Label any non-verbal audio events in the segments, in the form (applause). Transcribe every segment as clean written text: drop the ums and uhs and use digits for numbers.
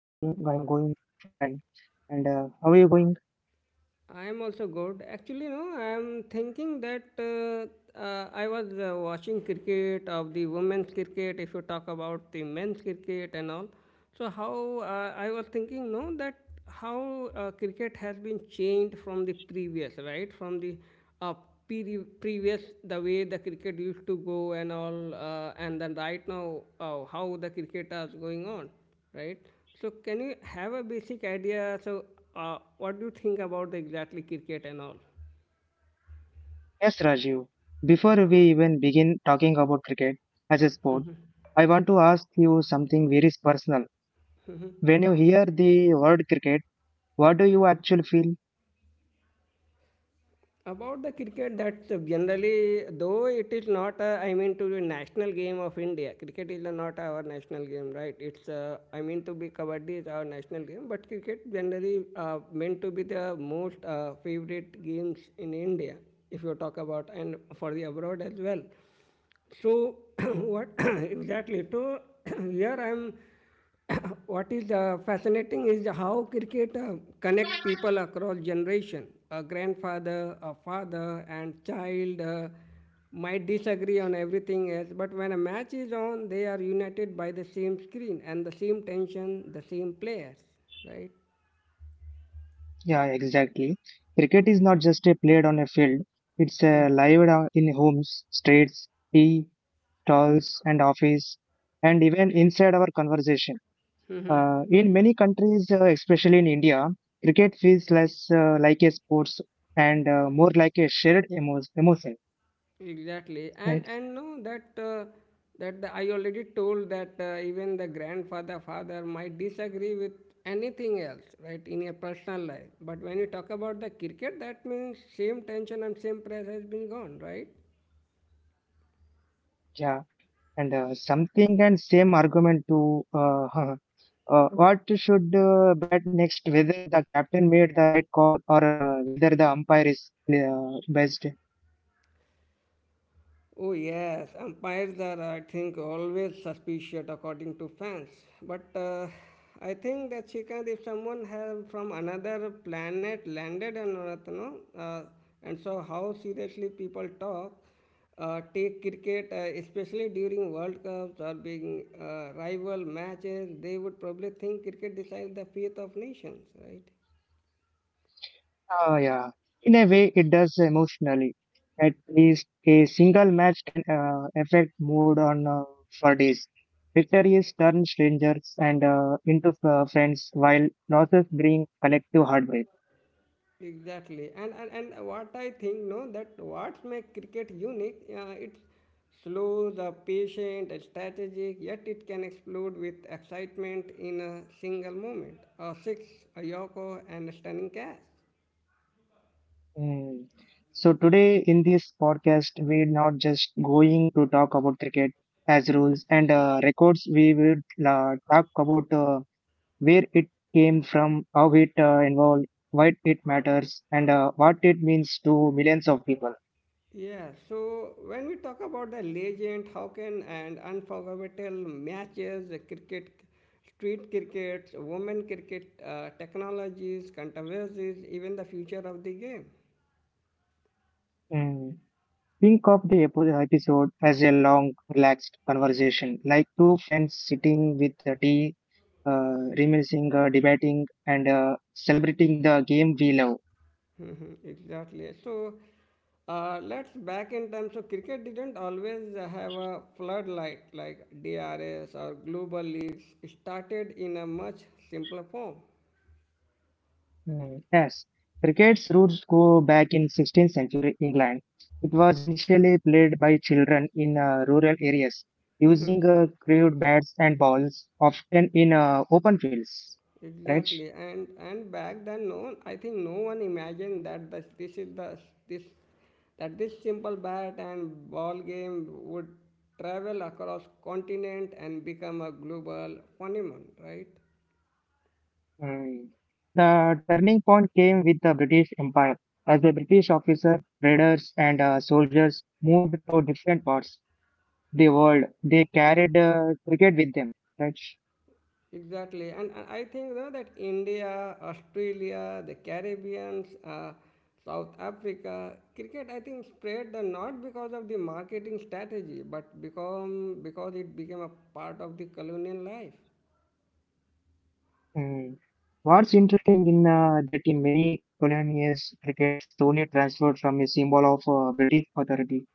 Yeah, I'm going fine. And how are you going? I am also good. Actually, no, I am thinking that I was watching cricket of the women's cricket. If you talk about the men's cricket and all, so how I was thinking, no, that how cricket has been changed from the previous, right? From the uh, previous, the way the cricket used to go and all, and then right now how the cricket is going on, right? So can you have a basic idea? So what do you think about the exactly cricket and all? Yes, Rajiv. Before we even begin talking about cricket as a sport, I want to ask you something very personal. When you hear the word cricket, what do you actually feel? About the cricket, that generally, though it is not, a, I mean, to the national game of India. Cricket is not our national game, right? It's, I mean, to be kabaddi is our national game, but cricket generally meant to be the most favorite games in India, if you talk about, and for the abroad as well. So (clears throat) what (coughs) (clears throat) exactly? So (clears throat) here I'm (coughs) what is fascinating is how cricket connect people across generation. A grandfather, a father, and child might disagree on everything else, but when a match is on, they are united by the same screen and the same tension, the same players, right? Yeah, exactly. Cricket is not just a played on a field. It's lived in homes, streets, tea, stalls, and office, and even inside our conversation. In many countries, especially in India, cricket feels less like a sports and more like a shared emotion, Exactly, and right? and no, that that the, I already told that even the grandfather, father might disagree with anything else, right, in your personal life. But when you talk about the cricket, that means same tension and same press has been gone, right? Yeah, and something and same argument to (laughs) what should bat next, whether the captain made the right call or whether the umpire is best. Oh, yes, umpires are, I think, always suspicious according to fans. But I think that Shrikant, if someone have from another planet landed on Earth, no, and so how seriously people talk, take cricket, especially during World Cups or being rival matches, they would probably think cricket decides the fate of nations, right? Oh, yeah. In a way, it does emotionally. At least a single match can affect mood on for days. Victories turn strangers and into friends, while losses bring collective heartbreak. Exactly, and what I think, no, that what makes cricket unique, it's slow, the patient, and strategic, yet it can explode with excitement in a single moment. A six, a yorker, and a stunning catch. Mm. So today in this podcast, we're not just going to talk about cricket as rules and records. We will talk about where it came from, how it involved, why it matters, and what it means to millions of people. Yeah, so when we talk about the legend, how can and unforgettable matches, cricket, street cricket, women cricket, technologies, controversies, even the future of the game. Mm. Think of the episode as a long, relaxed conversation, like two friends sitting with the tea, reminiscing, debating, and celebrating the game we love. (laughs) Mhm, exactly. So let's back in time. So cricket didn't always have a floodlight like DRS or global leagues. It started in a much simpler form. Mm, yes, cricket's roots go back in 16th century England. It was initially played by children in rural areas using crude bats and balls, often in open fields. Right? Exactly, and back then, no, one- I think no one imagined that this is the this that this simple bat and ball game would travel across continent and become a global phenomenon, right? Mm. The turning point came with the British Empire as the British officers, traders, and soldiers moved to different parts of the world. They carried cricket with them. Right? Exactly, and I think though that India, Australia, the Caribbeans, South Africa, cricket I think spread the not because of the marketing strategy, but become because it became a part of the colonial life. Mm. What's interesting in that in many colonies, cricket slowly transferred from a symbol of British authority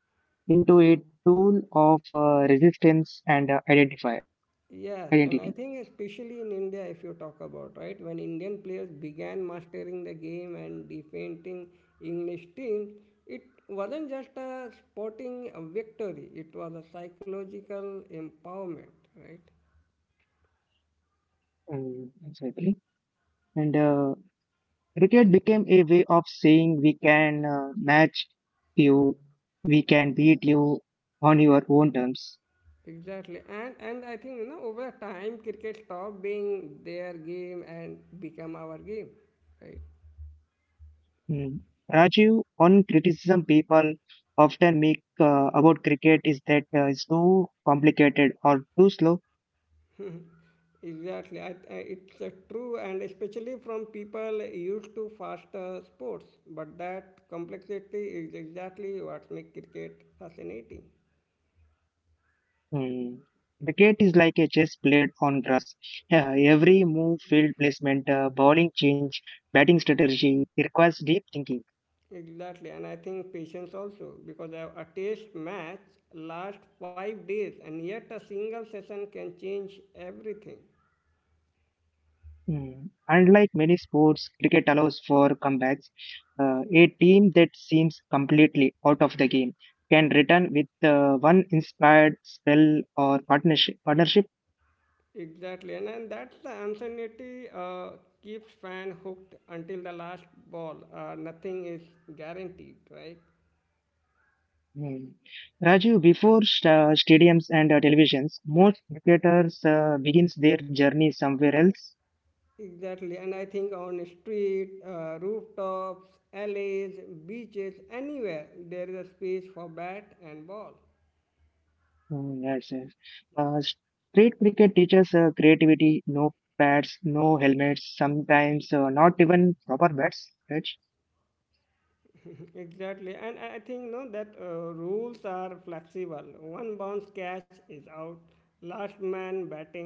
into a tool of resistance and identify Yes, and I identity. think especially in India, if you talk about right when Indian players began mastering the game and defeating English teams, it wasn't just a sporting victory; it was a psychological empowerment, right? Mm, exactly. And cricket became a way of saying we can match you, we can beat you on your own terms. Exactly, and I think you know over time cricket stopped being their game and become our game, right? Hmm. Raju, one criticism people often make about cricket is that it's too complicated or too slow. Exactly, it's true, and especially from people used to faster sports. But that complexity is exactly what makes cricket fascinating. Hmm. Cricket is like a chess played on grass. (laughs) Yeah, every move, field placement, bowling change, batting strategy it requires deep thinking. Exactly, and I think patience also because a test match lasts 5 days, and yet a single session can change everything. Hmm. Unlike many sports, cricket allows for comebacks. A team that seems completely out of the game can return with one inspired spell or partnership. Exactly, and that's the uncertainty keeps fan hooked until the last ball. Nothing is guaranteed, right? Hmm. Raju, before stadiums and televisions, most cricketers begins their journey somewhere else. Exactly, and I think on street, rooftops, alleys, beaches, anywhere there is a space for bat and ball. (clears throat) Hmm, yes, yes. Uh, Street cricket teaches creativity, no pads, no helmets, sometimes not even proper bats. Right? (laughs) Exactly, and I think no that rules are flexible. One bounce catch is out. Last man batting,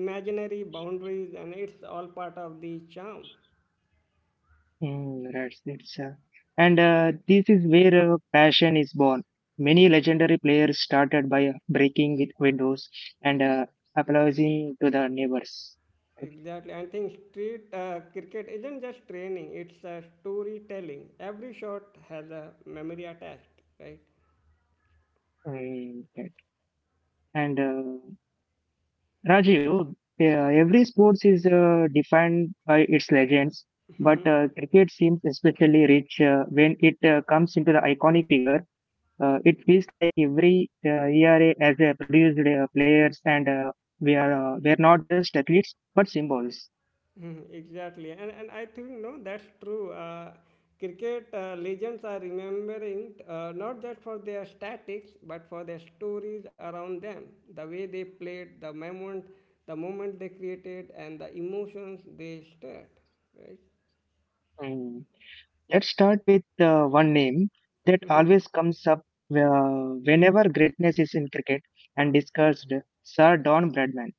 imaginary boundaries, and it's all part of the charm. Hmm, right. And this is where passion is born. Many legendary players started by breaking with windows and applauding to the neighbors. Right? Exactly. I think street cricket isn't just training, it's a storytelling. Every shot has a memory attached, right? Hmm, okay. And Rajiv, yeah, every sports is defined by its legends, but cricket seems especially rich when it comes into the iconic figure. It feels like every ERA has produced players, and we are not just athletes but symbols. Mhm, exactly. And I think, no, that's true. Cricket legends are remembering not just for their statics, but for their stories around them. The way they played, the moment they created, and the emotions they stirred, right? Mm. Let's start with one name that always comes up whenever greatness is in cricket and discussed, Sir Don Bradman.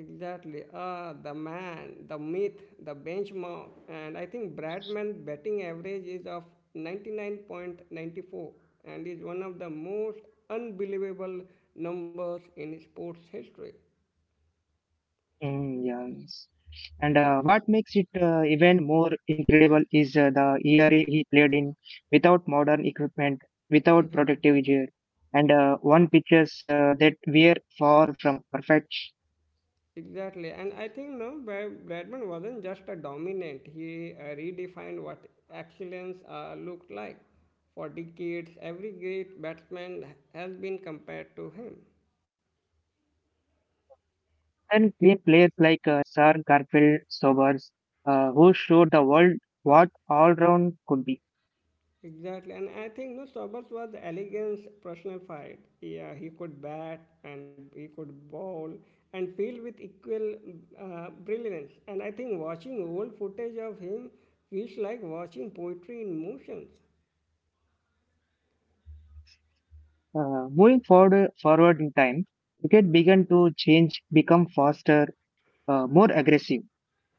Exactly. Ah, the man, the myth, the benchmark. And I think Bradman's batting average is of 99.94 and is one of the most unbelievable numbers in sports history. Mm, yeah. And what makes it even more incredible is the era he played in without modern equipment, without protective gear, and one pitches that were far from perfect. Exactly. And I think no, Bradman wasn't just a dominant, he redefined what excellence looked like. For decades, every great batsman has been compared to him. And clean players like Sir Garfield Sobers, who showed the world what all round could be. Exactly, and I think no Roberts was elegance personified. Yeah, he could bat and he could bowl and field with equal brilliance. And I think watching old footage of him feels like watching poetry in motions. Moving forward in time, cricket began to change, become faster, more aggressive.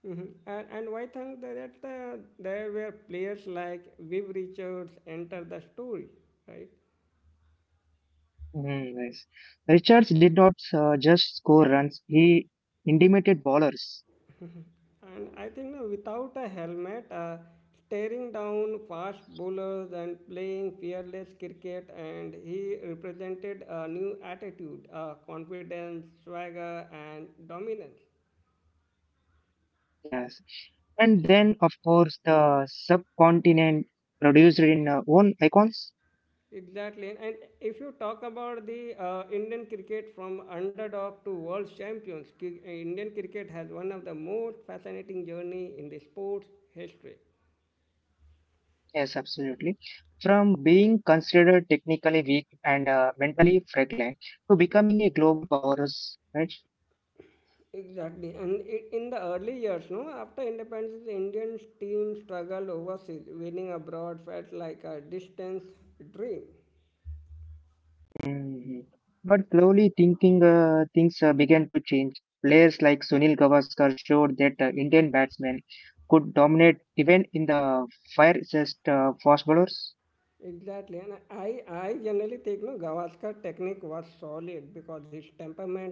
Mhm. And why think that that, there were players like Viv Richards enter the story, right? Mm, nice. Richards did not just score runs, he intimidated bowlers. And I think now without a helmet, staring down fast bowlers and playing fearless cricket, and he represented a new attitude, confidence, swagger, and dominance. Yes. And then, of course, the subcontinent produced in own icons. Exactly. And if you talk about the Indian cricket from underdog to world champions, Indian cricket has one of the most fascinating journey in the sports history. Yes, absolutely. From being considered technically weak and mentally fragile to becoming a global powerhouse, right? Exactly, and in the early years, no, after independence, the Indian team struggled overseas. Winning abroad felt like a distance dream. Mhm. But slowly thinking things began to change. Players like Sunil Gavaskar showed that Indian batsmen could dominate even in the fiercest fast bowlers. Exactly, and I generally think no, Gavaskar technique was solid because his temperament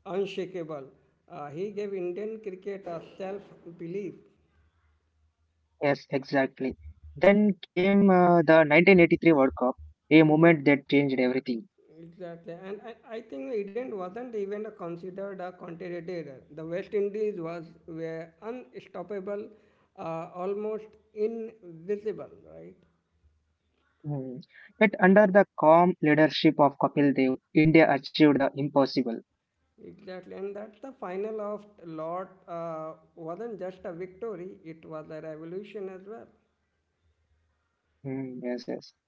unshakable. He gave Indian cricket a self belief. Yes, exactly. Then came the 1983 World Cup, a moment that changed everything. Exactly, and I think England wasn't even considered a contender. The West Indies was were unstoppable, almost invisible, right? Mhm. But under the calm leadership of Kapil Dev, India achieved the impossible. Exactly, and that's the final of Lord wasn't just a victory; it was a revolution as well. Mm, yes, yes.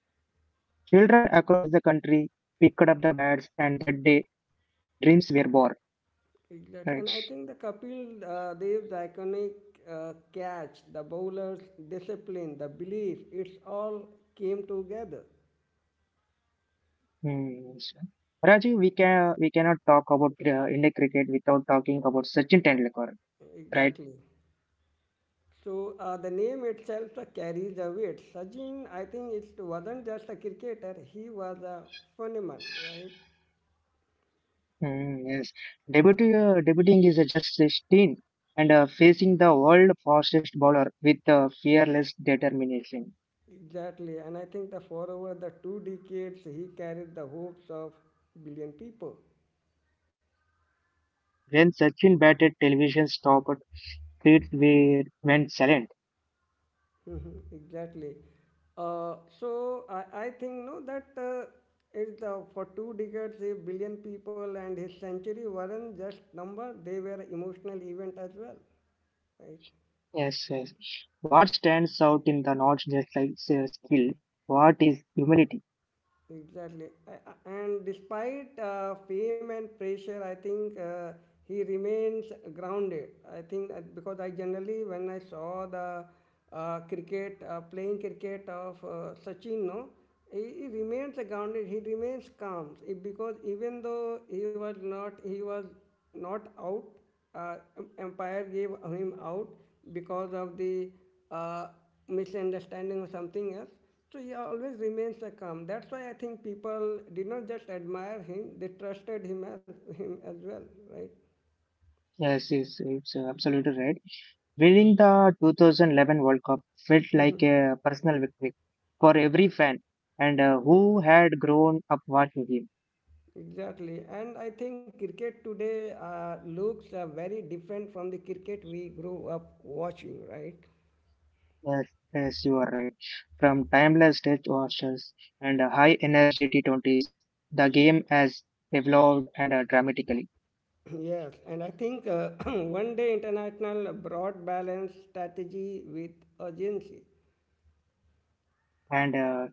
Children across the country picked up the bats, and that day dreams were born. Exactly, and That's I think the Kapil Dev's iconic catch, the bowler's discipline, the belief—it's all came together. hmm. so- Rajiv, we cannot talk about India cricket without talking about Sachin Tendulkar, right? Exactly. So the name itself carries a weight. Sachin, I think it wasn't just a cricketer; he was a phenomenon, right? Mm, yes, debuting is just 16 and facing the world fastest bowler with fearless determination. Exactly, and I think that for over the 2 decades, he carried the hopes of billion people. (laughs) When Sachin batted, television stopped, streets were went silent. Mhm, exactly. So I think no that is the for 2 decades a billion people and his century weren't just number; they were emotional event as well, right? Yes, yes. What stands out in the not just like skill? What is humility? Exactly. And despite fame and pressure, I think he remains grounded. I think that because I generally, when I saw the cricket, playing cricket of Sachin, no, he remains grounded, he remains calm. It- Because even though he was not out, umpire gave him out because of the uh, misunderstanding or something else. So he always remains the calm. That's why I think people did not just admire him; they trusted him as well, right? Yes, yes, it's absolutely right. Winning the 2011 World Cup felt like a personal victory for every fan and who had grown up watching him. Exactly. And I think cricket today looks very different from the cricket we grew up watching, right? Yes, yes, you are right. From timeless test matches and high energy T20s, the game has evolved and dramatically. (clears throat) Yes. And I think (clears throat) one day international brought balance strategy with urgency. And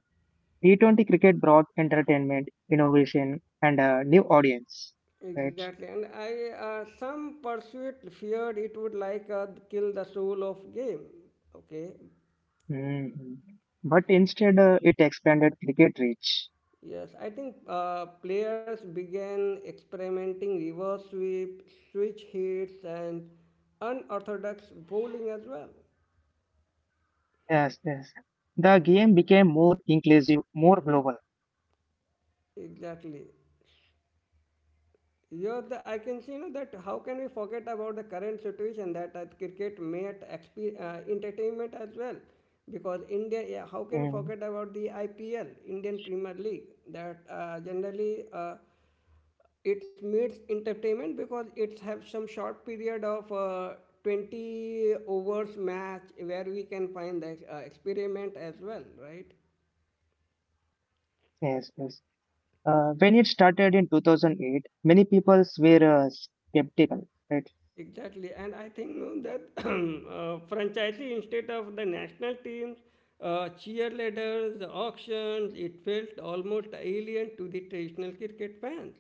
T20 cricket brought entertainment, innovation, and a new audience. Right. Exactly, and I some pursuit feared it would like kill the soul of game. Okay. Mhm. But instead, it expanded cricket reach. Yes, I think players began experimenting reverse sweep, switch hits, and unorthodox bowling as well. Yes, yes. The game became more inclusive, more global. Exactly. Yeah, the, I can see you know, that how can we forget about the current situation that cricket made entertainment as well. Because India, yeah, how can forget Mm, about the IPL, Indian Premier League, that generally it meets entertainment because it have some short period of 20 overs match where we can find the experiment as well, right? yes, yes. When it started in 2008, many people were skeptical, right? Exactly, and I think no, that (clears throat) franchisee instead of the national teams, cheerleaders, auctions, it felt almost alien to the traditional cricket fans.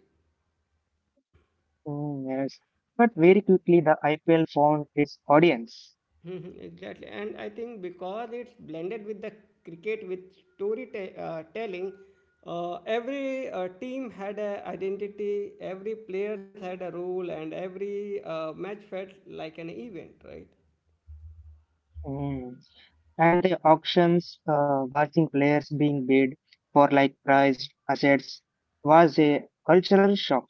Mm, yes. But very quickly, the IPL found its audience. Mhm, exactly, and I think because it's blended with the cricket with storytelling, every team had an identity, every player had a role, and every match felt like an event, right? Mm. And the auctions, watching players being bid for like prized assets, was a cultural shock.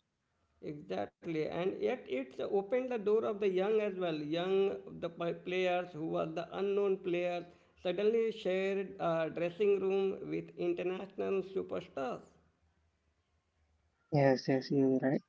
Exactly, and yet it's opened the door of the young as well. Young, the players who were the unknown players suddenly shared a dressing room with international superstars. Yes, yes, you're right.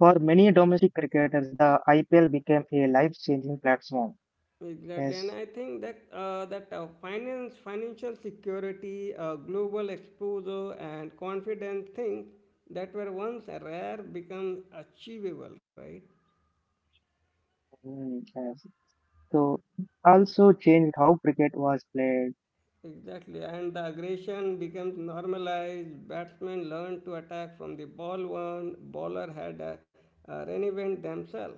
For many domestic cricketers, the IPL became a life-changing platform. Exactly, and Yes, I think that finance, financial security, global exposure, and confidence things that were once rare become achievable, right? Yes. So also changed how cricket was played. Exactly, and the aggression becomes normalized. Batsmen learn to attack from the ball one bowler had reinvented themselves.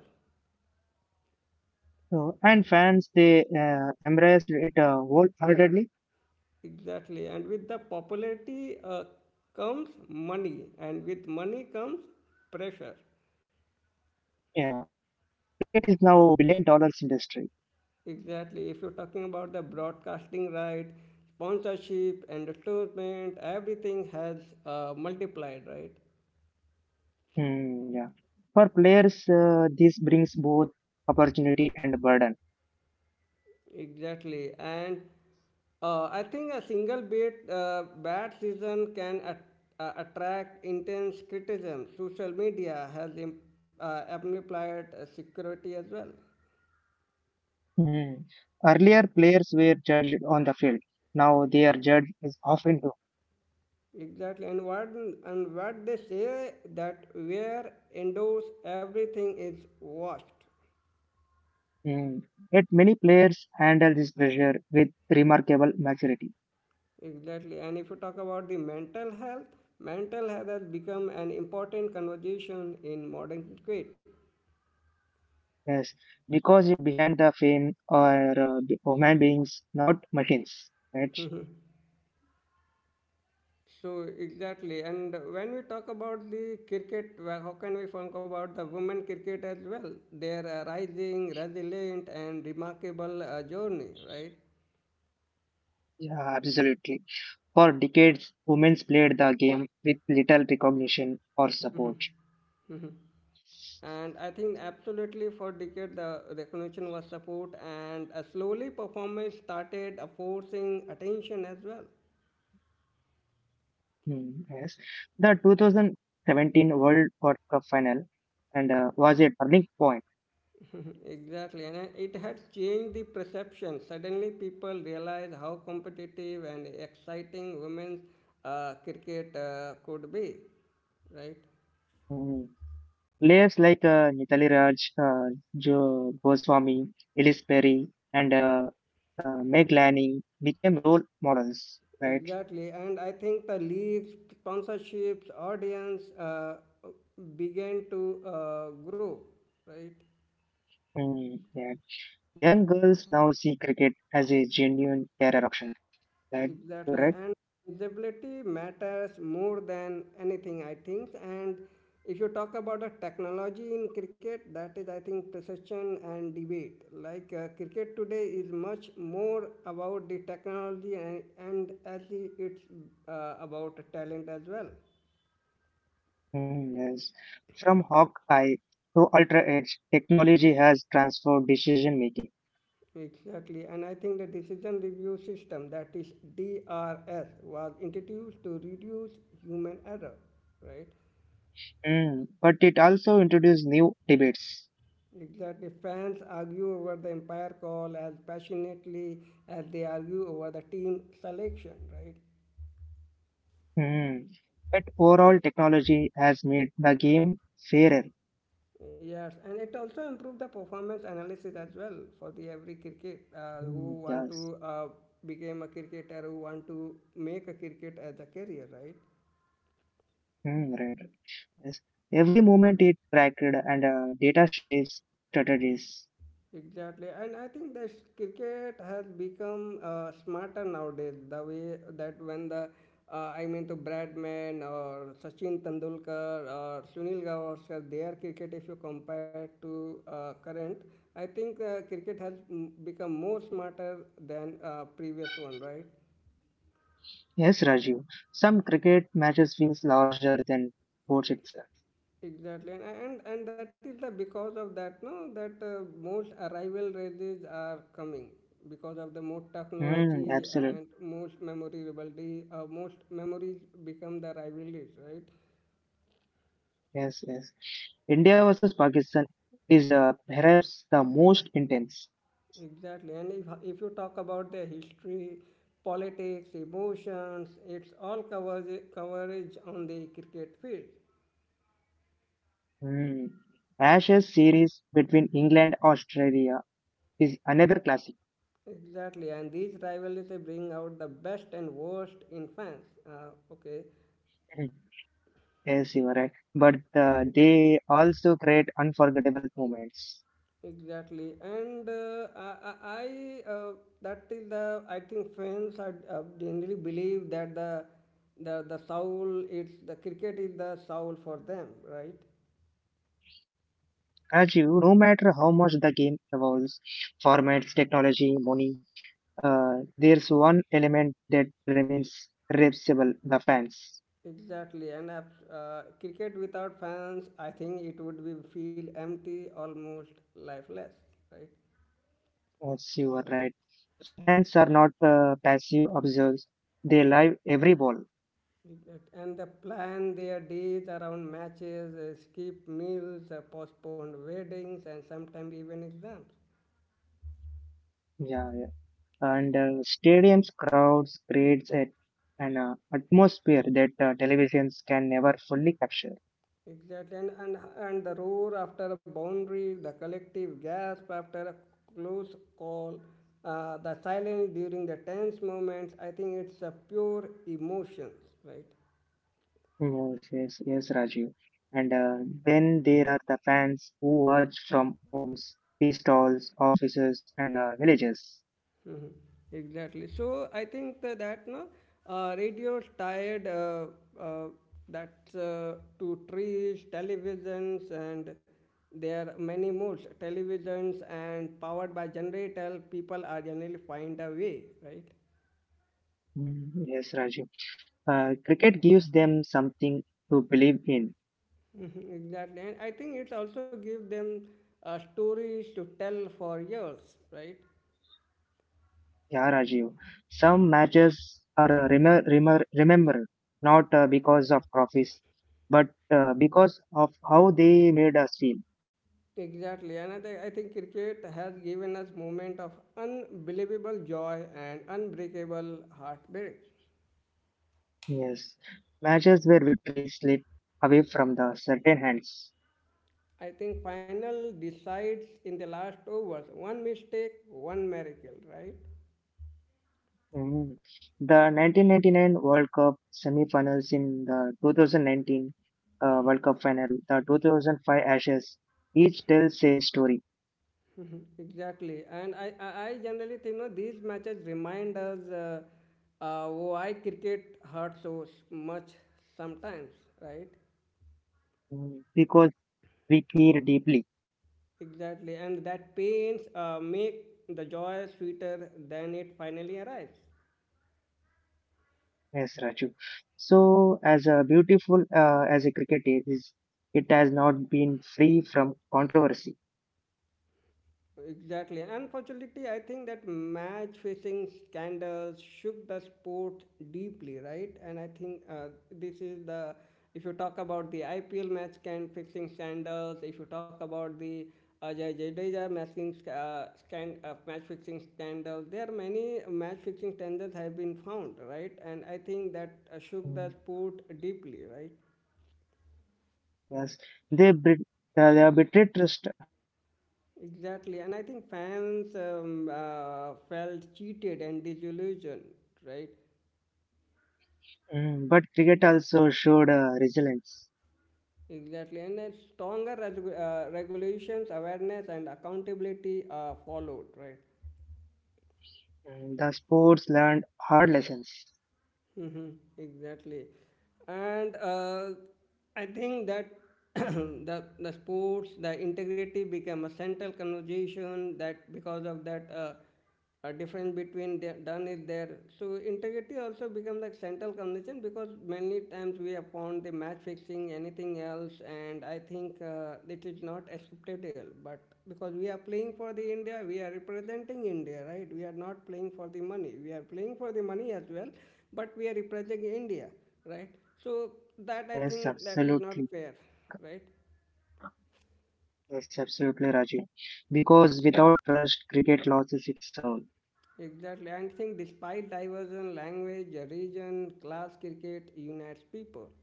So and fans they embraced it wholeheartedly. Exactly, and with the popularity comes money, and with money comes pressure. Yeah, cricket is now billion dollars industry. Exactly, if you're talking about the broadcasting right, sponsorship, endorsement, everything has multiplied, right? Mm, yeah, for players this brings both opportunity and burden. Exactly, and I think a single bit bad season can attract intense criticism. Social media has amplified security as well. Mm. Earlier players were judged on the field. Now they are judged as often too. Exactly, and what they say that where indoors everything is washed. Mm. Yet many players handle this pressure with remarkable maturity. Exactly, and if you talk about the mental health has become an important conversation in modern cricket. Yes, because it behind the fame are human beings, not machines. Right? Exactly, and when we talk about the cricket, well, how can we talk about the women cricket as well? Their rising, resilient, and remarkable journey, right? Yeah, absolutely. For decades, women played the game with little recognition or support. And I think absolutely for decades the recognition was support, and slowly performance started forcing attention as well. Hmm, yes, the 2017 World Cup final and was a turning point. Exactly, and it had changed the perception. Suddenly, people realized how competitive and exciting women's cricket could be, right? Hmm. Players like Nitali Raj, Jo Goswami, Ellis Perry, and Meg Lanning became role models. Right? Exactly, and I think the leagues, sponsorships, audience began to grow, right? Hmm, yeah. Young girls now see cricket as a genuine career option. Right, Exactly, correct? and usability matters more than anything, I think. And if you talk about the technology in cricket, that is, I think, precision and debate. Like cricket today is much more about the technology and as the, it's about talent as well. Hmm, yes. From Hawkeye to Ultra Edge, technology has transformed decision making. Exactly, and I think the decision review system, that is DRS, was introduced to reduce human error, right? Hmm, but it also introduced new debates. Exactly. Fans argue over the umpire call as passionately as they argue over the team selection, right? Hmm. But overall, technology has made the game fairer. Yes, and it also improved the performance analysis as well for the every cricket Hmm, who want yes. to become a cricketer, who want to make a cricket as a career, right? Hmm, right. Yes. Every moment it tracked and data shapes strategies. Exactly, and I think that cricket has become smarter nowadays. The way that when the I mean to Bradman or Sachin Tendulkar or Sunil Gavaskar, their cricket if you compare to current, I think cricket has become more smarter than previous one, right? Yes, Rajiv. Some cricket matches feels larger than sports itself. Exactly, and that is the because of that no that most arrival races are coming because of the most Mm, technology and absolutely. most memory rivalry. Most memories become the rivalries, right? Yes, yes. India versus Pakistan is perhaps the most intense. Exactly, and if you talk about the history, politics, emotions, it's all coverage on the cricket field. Mm. Ashes series between England Australia is another classic. (laughs) Exactly, and these rivalries they bring out the best and worst in fans. Okay. Mm. Yes, you are right. But they also create unforgettable moments. Exactly, and that is the I think fans are generally believe that the soul it's the cricket is the soul for them, right? Rajiv, no matter how much the game evolves, formats, technology, money, uh, there's one element that remains reversible the fans. Exactly, and cricket without fans, I think it would be feel empty, almost lifeless, right? Yes, you are right. Fans are not passive observers, they live every ball. And they plan their days around matches, skip meals, postponed weddings, and sometimes even exams. Yeah, yeah. And stadiums, crowds creates an atmosphere that televisions can never fully capture. Exactly, and the roar after a boundary, the collective gasp after a close call, the silence during the tense moments. I think it's a pure emotions, right? Yes, yes, yes, Rajiv. And then there are the fans who watch from homes, tea stalls, offices, and villages. Mhm. Exactly. So I think that no, radio's tied uh, that's to trees, televisions, and there are many modes. Televisions and powered by generator, people are generally find a way, right? Mm, yes, Rajiv. Cricket gives them something to believe in. Mhm. Exactly, and I think it also gives them stories to tell for years, right? Yeah, Rajiv. Some matches are remembered not because of trophies, but because of how they made us feel. Exactly, and I think cricket has given us moment of unbelievable joy and unbreakable heartbreak. Yes, matches where victories slip away from the certain hands. I think final decides in the last overs. One mistake, one miracle, right? Mm. The 1999 World Cup semi-finals in the 2019 World Cup final, the 2005 Ashes, each tells a story. Exactly, and I generally think no these matches remind us why cricket hurts so much sometimes, right? Mm. Because we care deeply. Exactly, and that pains make the joy sweeter than it finally arrives. Yes, Raju. So, as a cricket is, it has not been free from controversy. Exactly, unfortunately, I think that match fixing scandals shook the sport deeply, right? And I think this is the if you talk about the IPL match can fixing scandals, if you talk about the Ajay Jadeja match fixing scandal. There are many match fixing scandals have been found, right? And I think that shook the Mm, sport deeply, right? yes, they bet- they are betrayed trust. Exactly, and I think fans felt cheated and disillusioned, right? Mm, but cricket also showed resilience. Exactly, and then stronger regulations, awareness, and accountability followed, right? Mm, the sports learned hard lessons. hmm exactly. And I think that (clears throat) the sports, the integrity became a central conversation. That because of that, a difference between the, done is there. So integrity also becomes like central conversation because many times we have found the match fixing, anything else, and I think it is not acceptable. But because we are playing for the India, we are representing India, right? We are not playing for the money. We are playing for the money as well but we are representing India, right? So that I Yes, think that is not absolutely. fair, right? Yes, absolutely, Raju. Because without trust, cricket loses its soul. Exactly. And think despite diversion, language, region, class, cricket unites people.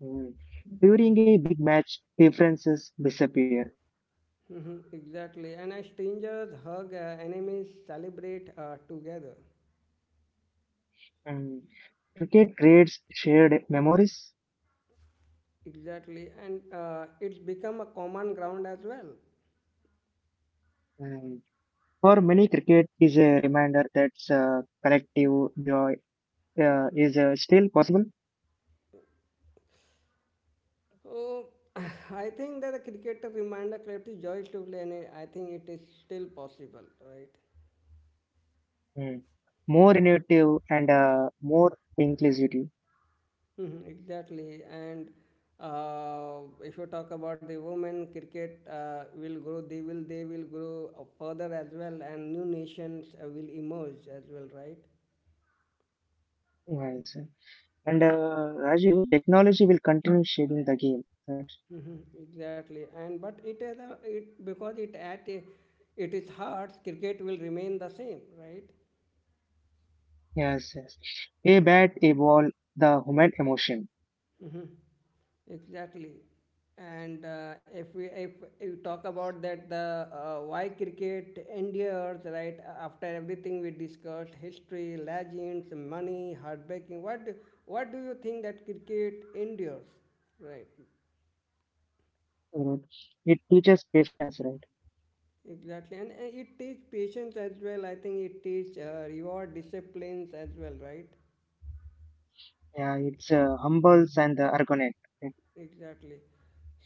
Mm. During a big match, differences disappear. Mhm, exactly. And as strangers hug, enemies celebrate together. And cricket creates shared memories. Exactly. And it's become a common ground as well. And for many, cricket is a reminder that uh, collective joy is still possible. So (sighs) I think that the cricketer reminder collective joys to play, and I think it is still possible, right? Mm. More innovative, and more inclusive. Mhm. Exactly, and if you talk about the women, cricket will grow. They will grow further as well, and new nations will emerge as well, right? Yes. And Raju, technology will continue shaping the game. Right? hmm exactly, and but it because it is hard. Cricket will remain the same, right? Yes, yes. A bat, a ball, the human emotion. Mhm. Exactly. And if we if you talk about that the why cricket endures, right? After everything we discussed, history, legends, money, heartbreaking, what do you think that cricket endures, right? Right? It teaches patience, right? Exactly, and it teaches patience as well. I think it teaches reward disciplines as well, right? Yeah, it's humbles and ergonomic. Right? Exactly.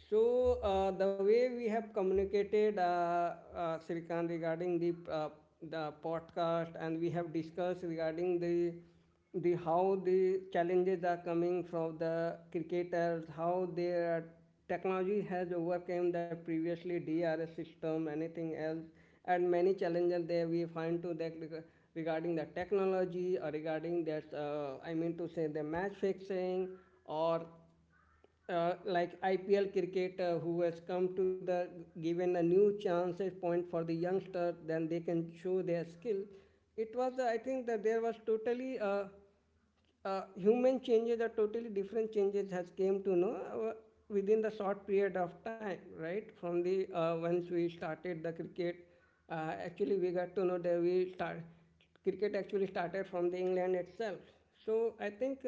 So, the way we have communicated, Srikan, regarding the podcast, and we have discussed regarding the how the challenges are coming from the cricketers, how their technology has overcome the previously DRS system, anything else, and many challenges there we find to that regarding the technology or regarding that, I mean to say the match fixing or like IPL cricket who has come to the given a new chances point for the youngster, then they can show their skill. It was I think that there was totally human changes or totally different changes has came to know within the short period of time, right? From the once we started the cricket, actually we got to know that we start cricket actually started from the England itself. So I think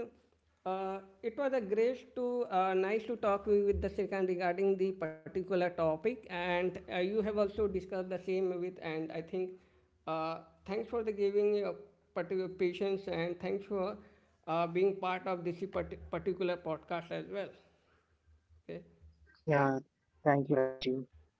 it was a great to nice to talk with the Srikanth regarding the particular topic, and you have also discussed the same with. And I think uh, thanks for the giving your particular patience, and thanks for being part of this particular podcast as well. Okay. Yeah, thank you, Raju.